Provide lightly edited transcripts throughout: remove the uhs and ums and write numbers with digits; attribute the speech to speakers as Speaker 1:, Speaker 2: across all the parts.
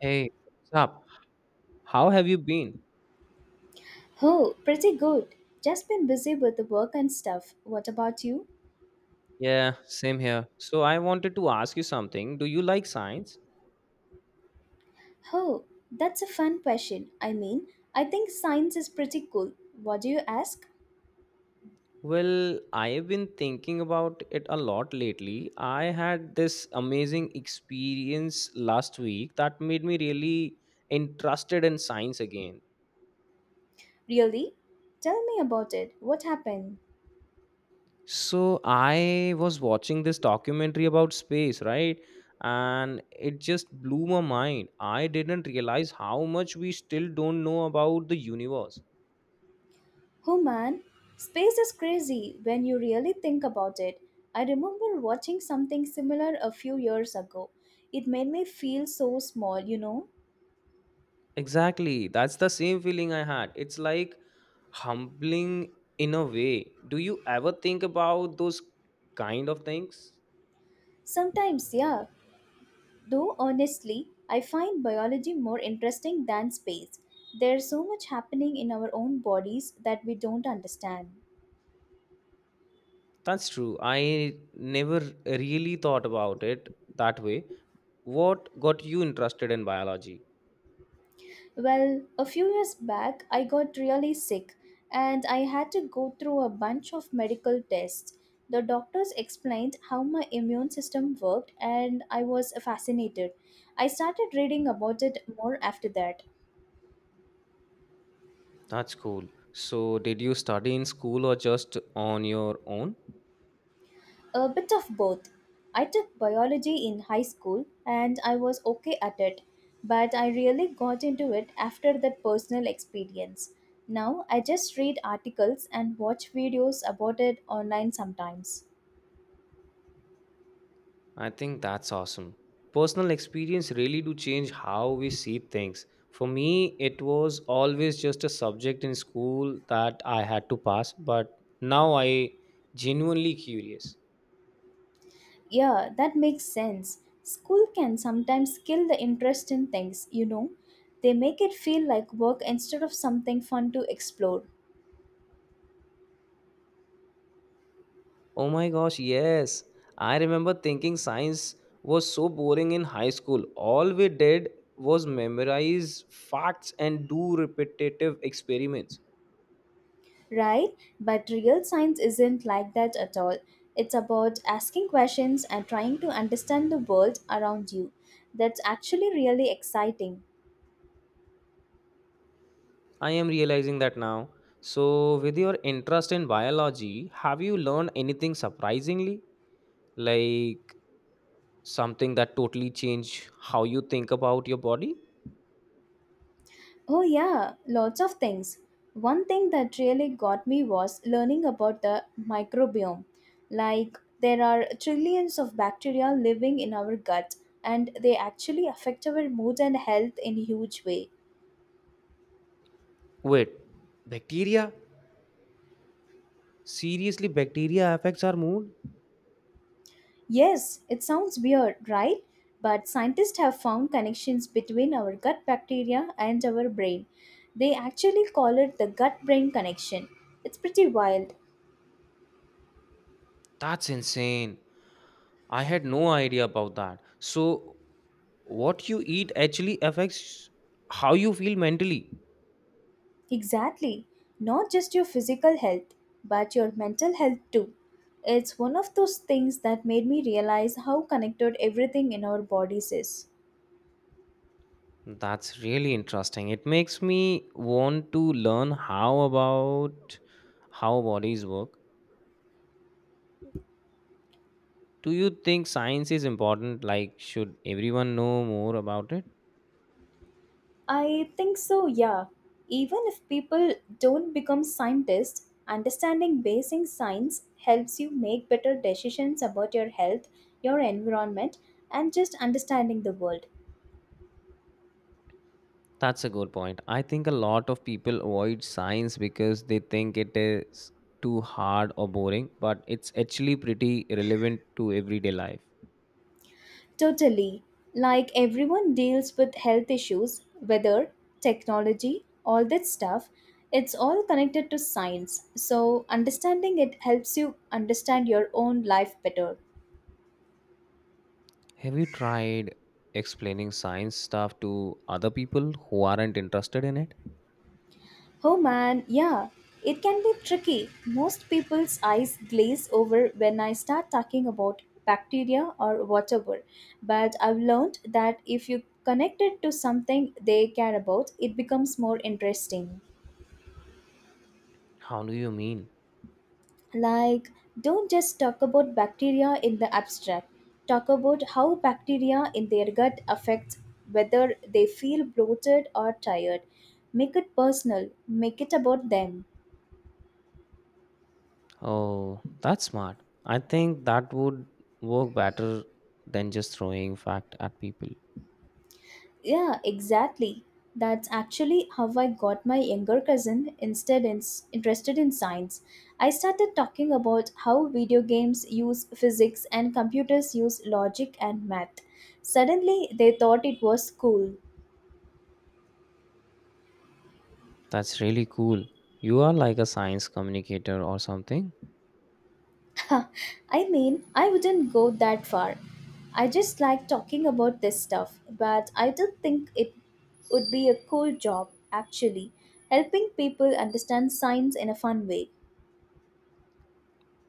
Speaker 1: Hey, what's up? How have you been?
Speaker 2: Oh, pretty good. Just been busy with the work and stuff. What about you?
Speaker 1: Yeah, same here. So I wanted to ask you something. Do you like science?
Speaker 2: Oh, that's a fun question. I think science is pretty cool. What do you ask?
Speaker 1: Well, I have been thinking about it a lot lately. I had this amazing experience last week that made me really interested in science again.
Speaker 2: Really? Tell me about it. What happened?
Speaker 1: So I was watching this documentary about space, right? And it just blew my mind. I didn't realize how much we still don't know about the universe.
Speaker 2: Oh man, space is crazy when you really think about it. I remember watching something similar a few years ago. It made me feel so small.
Speaker 1: Exactly. That's the same feeling I had. It's like humbling in a way. Do you ever think about those kind of things?
Speaker 2: Sometimes, yeah. Though honestly, I find biology more interesting than space. There's so much happening in our own bodies that we don't understand.
Speaker 1: That's true. I never really thought about it that way. What got you interested in biology?
Speaker 2: Well, a few years back, I got really sick and I had to go through a bunch of medical tests. The doctors explained how my immune system worked, and I was fascinated. I started reading about it more after that.
Speaker 1: That's cool. So, did you study in school or just on your own?
Speaker 2: A bit of both. I took biology in high school and I was okay at it, but I really got into it after that personal experience. Now I just read articles and watch videos about it online sometimes.
Speaker 1: I think that's awesome. Personal experience really do change how we see things. For me, it was always just a subject in school that I had to pass, but now I genuinely curious.
Speaker 2: Yeah, that makes sense. School can sometimes kill the interest in things. They make it feel like work instead of something fun to explore.
Speaker 1: Oh my gosh, yes. I remember thinking science was so boring in high school. All we did was memorize facts and do repetitive experiments.
Speaker 2: Right? But real science isn't like that at all. It's about asking questions and trying to understand the world around you. That's actually really exciting.
Speaker 1: I am realizing that now. So, with your interest in biology, have you learned anything surprisingly? Like something that totally changed how you think about your body?
Speaker 2: Oh, yeah, lots of things. One thing that really got me was learning about the microbiome. Like, there are trillions of bacteria living in our gut, and they actually affect our mood and health in a huge way.
Speaker 1: Wait, bacteria? Seriously, bacteria affects our mood?
Speaker 2: Yes, it sounds weird, right? But scientists have found connections between our gut bacteria and our brain. They actually call it the gut brain connection. It's pretty wild.
Speaker 1: That's insane. I had no idea about that. So, what you eat actually affects how you feel mentally.
Speaker 2: Exactly. Not just your physical health, but your mental health too. It's one of those things that made me realize how connected everything in our bodies is.
Speaker 1: That's really interesting. It makes me want to learn how about how bodies work. Do you think science is important? Like, should everyone know more about it?
Speaker 2: I think so, yeah. Even if people don't become scientists, understanding basic science helps you make better decisions about your health, your environment, and just understanding the world.
Speaker 1: That's a good point. I think a lot of people avoid science because they think it is too hard or boring, but it's actually pretty relevant to everyday life.
Speaker 2: Totally. Like everyone deals with health issues, weather, technology, all that stuff, it's all connected to science. So, understanding it helps you understand your own life better.
Speaker 1: Have you tried explaining science stuff to other people who aren't interested in it?
Speaker 2: Oh man, yeah, it can be tricky. Most people's eyes glaze over when I start talking about bacteria or whatever. But I've learned that if you connect it to something they care about, it becomes more interesting.
Speaker 1: How do you mean?
Speaker 2: Like, don't just talk about bacteria in the abstract. Talk about how bacteria in their gut affects whether they feel bloated or tired. Make it personal, make it about them.
Speaker 1: Oh, that's smart. I think that would work better than just throwing fact at people.
Speaker 2: Yeah, exactly. That's actually how I got my younger cousin interested in science. I started talking about how video games use physics and computers use logic and math. Suddenly, they thought it was cool.
Speaker 1: That's really cool. You are like a science communicator or something.
Speaker 2: I wouldn't go that far. I just like talking about this stuff, but I don't think it would be a cool job, actually, helping people understand science in a fun way.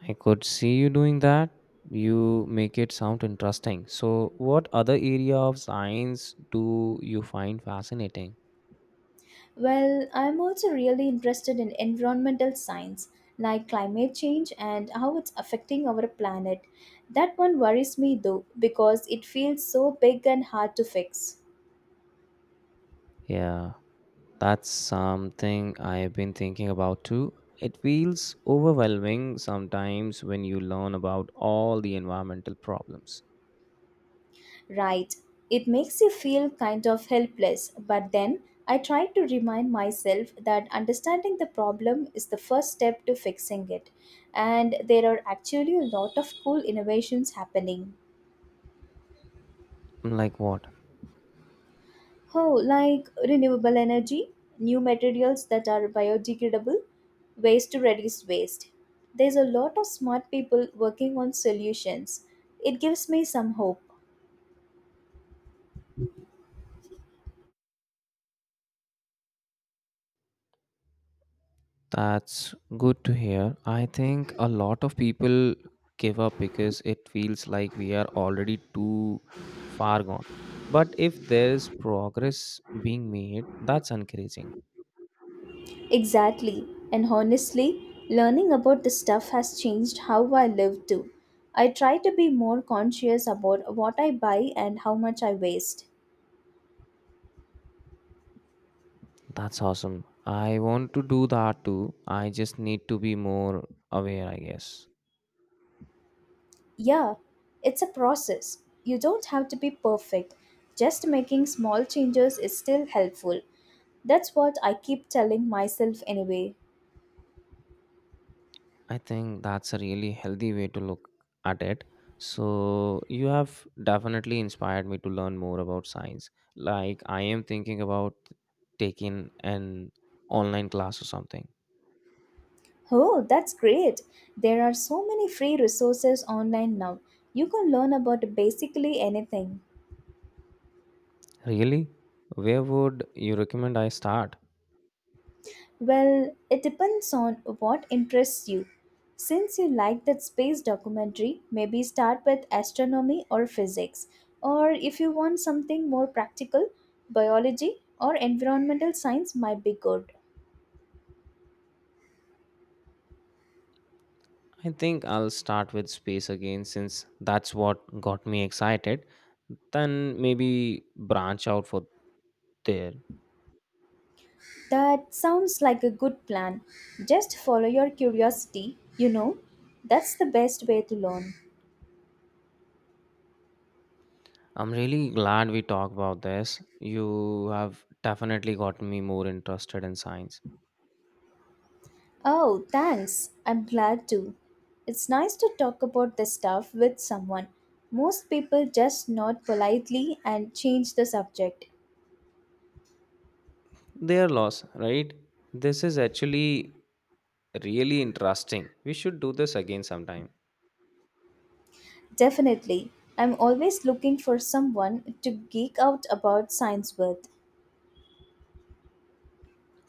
Speaker 1: I could see you doing that. You make it sound interesting. So, what other area of science do you find fascinating?
Speaker 2: Well, I'm also really interested in environmental science, like climate change and how it's affecting our planet. That one worries me though, because it feels so big and hard to fix.
Speaker 1: Yeah, that's something I've been thinking about too. It feels overwhelming sometimes when you learn about all the environmental problems.
Speaker 2: Right, it makes you feel kind of helpless, but then I try to remind myself that understanding the problem is the first step to fixing it. And there are actually a lot of cool innovations happening.
Speaker 1: Like what?
Speaker 2: Oh, like renewable energy, new materials that are biodegradable, ways to reduce waste. There's a lot of smart people working on solutions. It gives me some hope.
Speaker 1: That's good to hear. I think a lot of people give up because it feels like we are already too far gone. But if there's progress being made, that's encouraging.
Speaker 2: Exactly. And honestly, learning about this stuff has changed how I live too. I try to be more conscious about what I buy and how much I waste.
Speaker 1: That's awesome. I want to do that too. I just need to be more aware, I guess.
Speaker 2: Yeah, it's a process. You don't have to be perfect. Just making small changes is still helpful. That's what I keep telling myself anyway.
Speaker 1: I think that's a really healthy way to look at it. So, you have definitely inspired me to learn more about science. Like, I am thinking about taking an online class or something.
Speaker 2: Oh, that's great. There are so many free resources online now. You can learn about basically anything.
Speaker 1: Really? Where would you recommend I start?
Speaker 2: Well, it depends on what interests you. Since you like that space documentary, maybe start with astronomy or physics. Or if you want something more practical, biology or environmental science might be good.
Speaker 1: I think I'll start with space again since that's what got me excited. Then maybe branch out for there.
Speaker 2: That sounds like a good plan. Just follow your curiosity. That's the best way to learn.
Speaker 1: I'm really glad we talked about this. You have definitely gotten me more interested in science.
Speaker 2: Oh, thanks. I'm glad to. It's nice to talk about this stuff with someone. Most people just nod politely and change the subject.
Speaker 1: Their loss, right? This is actually really interesting. We should do this again sometime.
Speaker 2: Definitely. I'm always looking for someone to geek out about science with.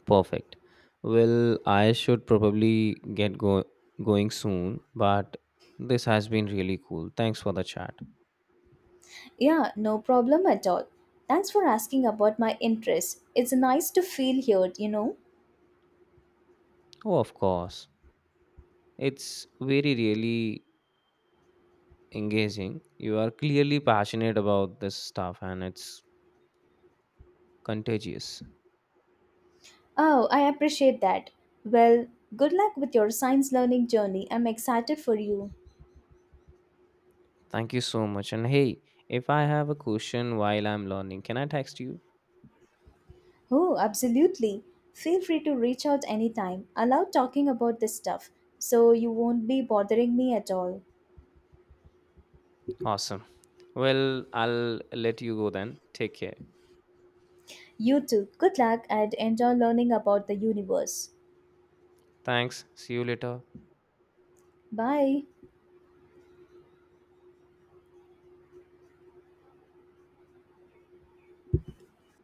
Speaker 1: Perfect. Well, I should probably going soon, but this has been really cool. Thanks for the chat.
Speaker 2: Yeah, no problem at all. Thanks for asking about my interest. It's nice to feel heard.
Speaker 1: Oh, of course. It's really engaging. You are clearly passionate about this stuff and it's contagious.
Speaker 2: Oh, I appreciate that. Well, good luck with your science learning journey. I'm excited for you.
Speaker 1: Thank you so much. And hey, if I have a question while I'm learning, can I text you?
Speaker 2: Oh, absolutely. Feel free to reach out anytime. I love talking about this stuff, so you won't be bothering me at all.
Speaker 1: Awesome. Well, I'll let you go then. Take care.
Speaker 2: You too. Good luck and enjoy learning about the universe.
Speaker 1: Thanks. See you later.
Speaker 2: Bye.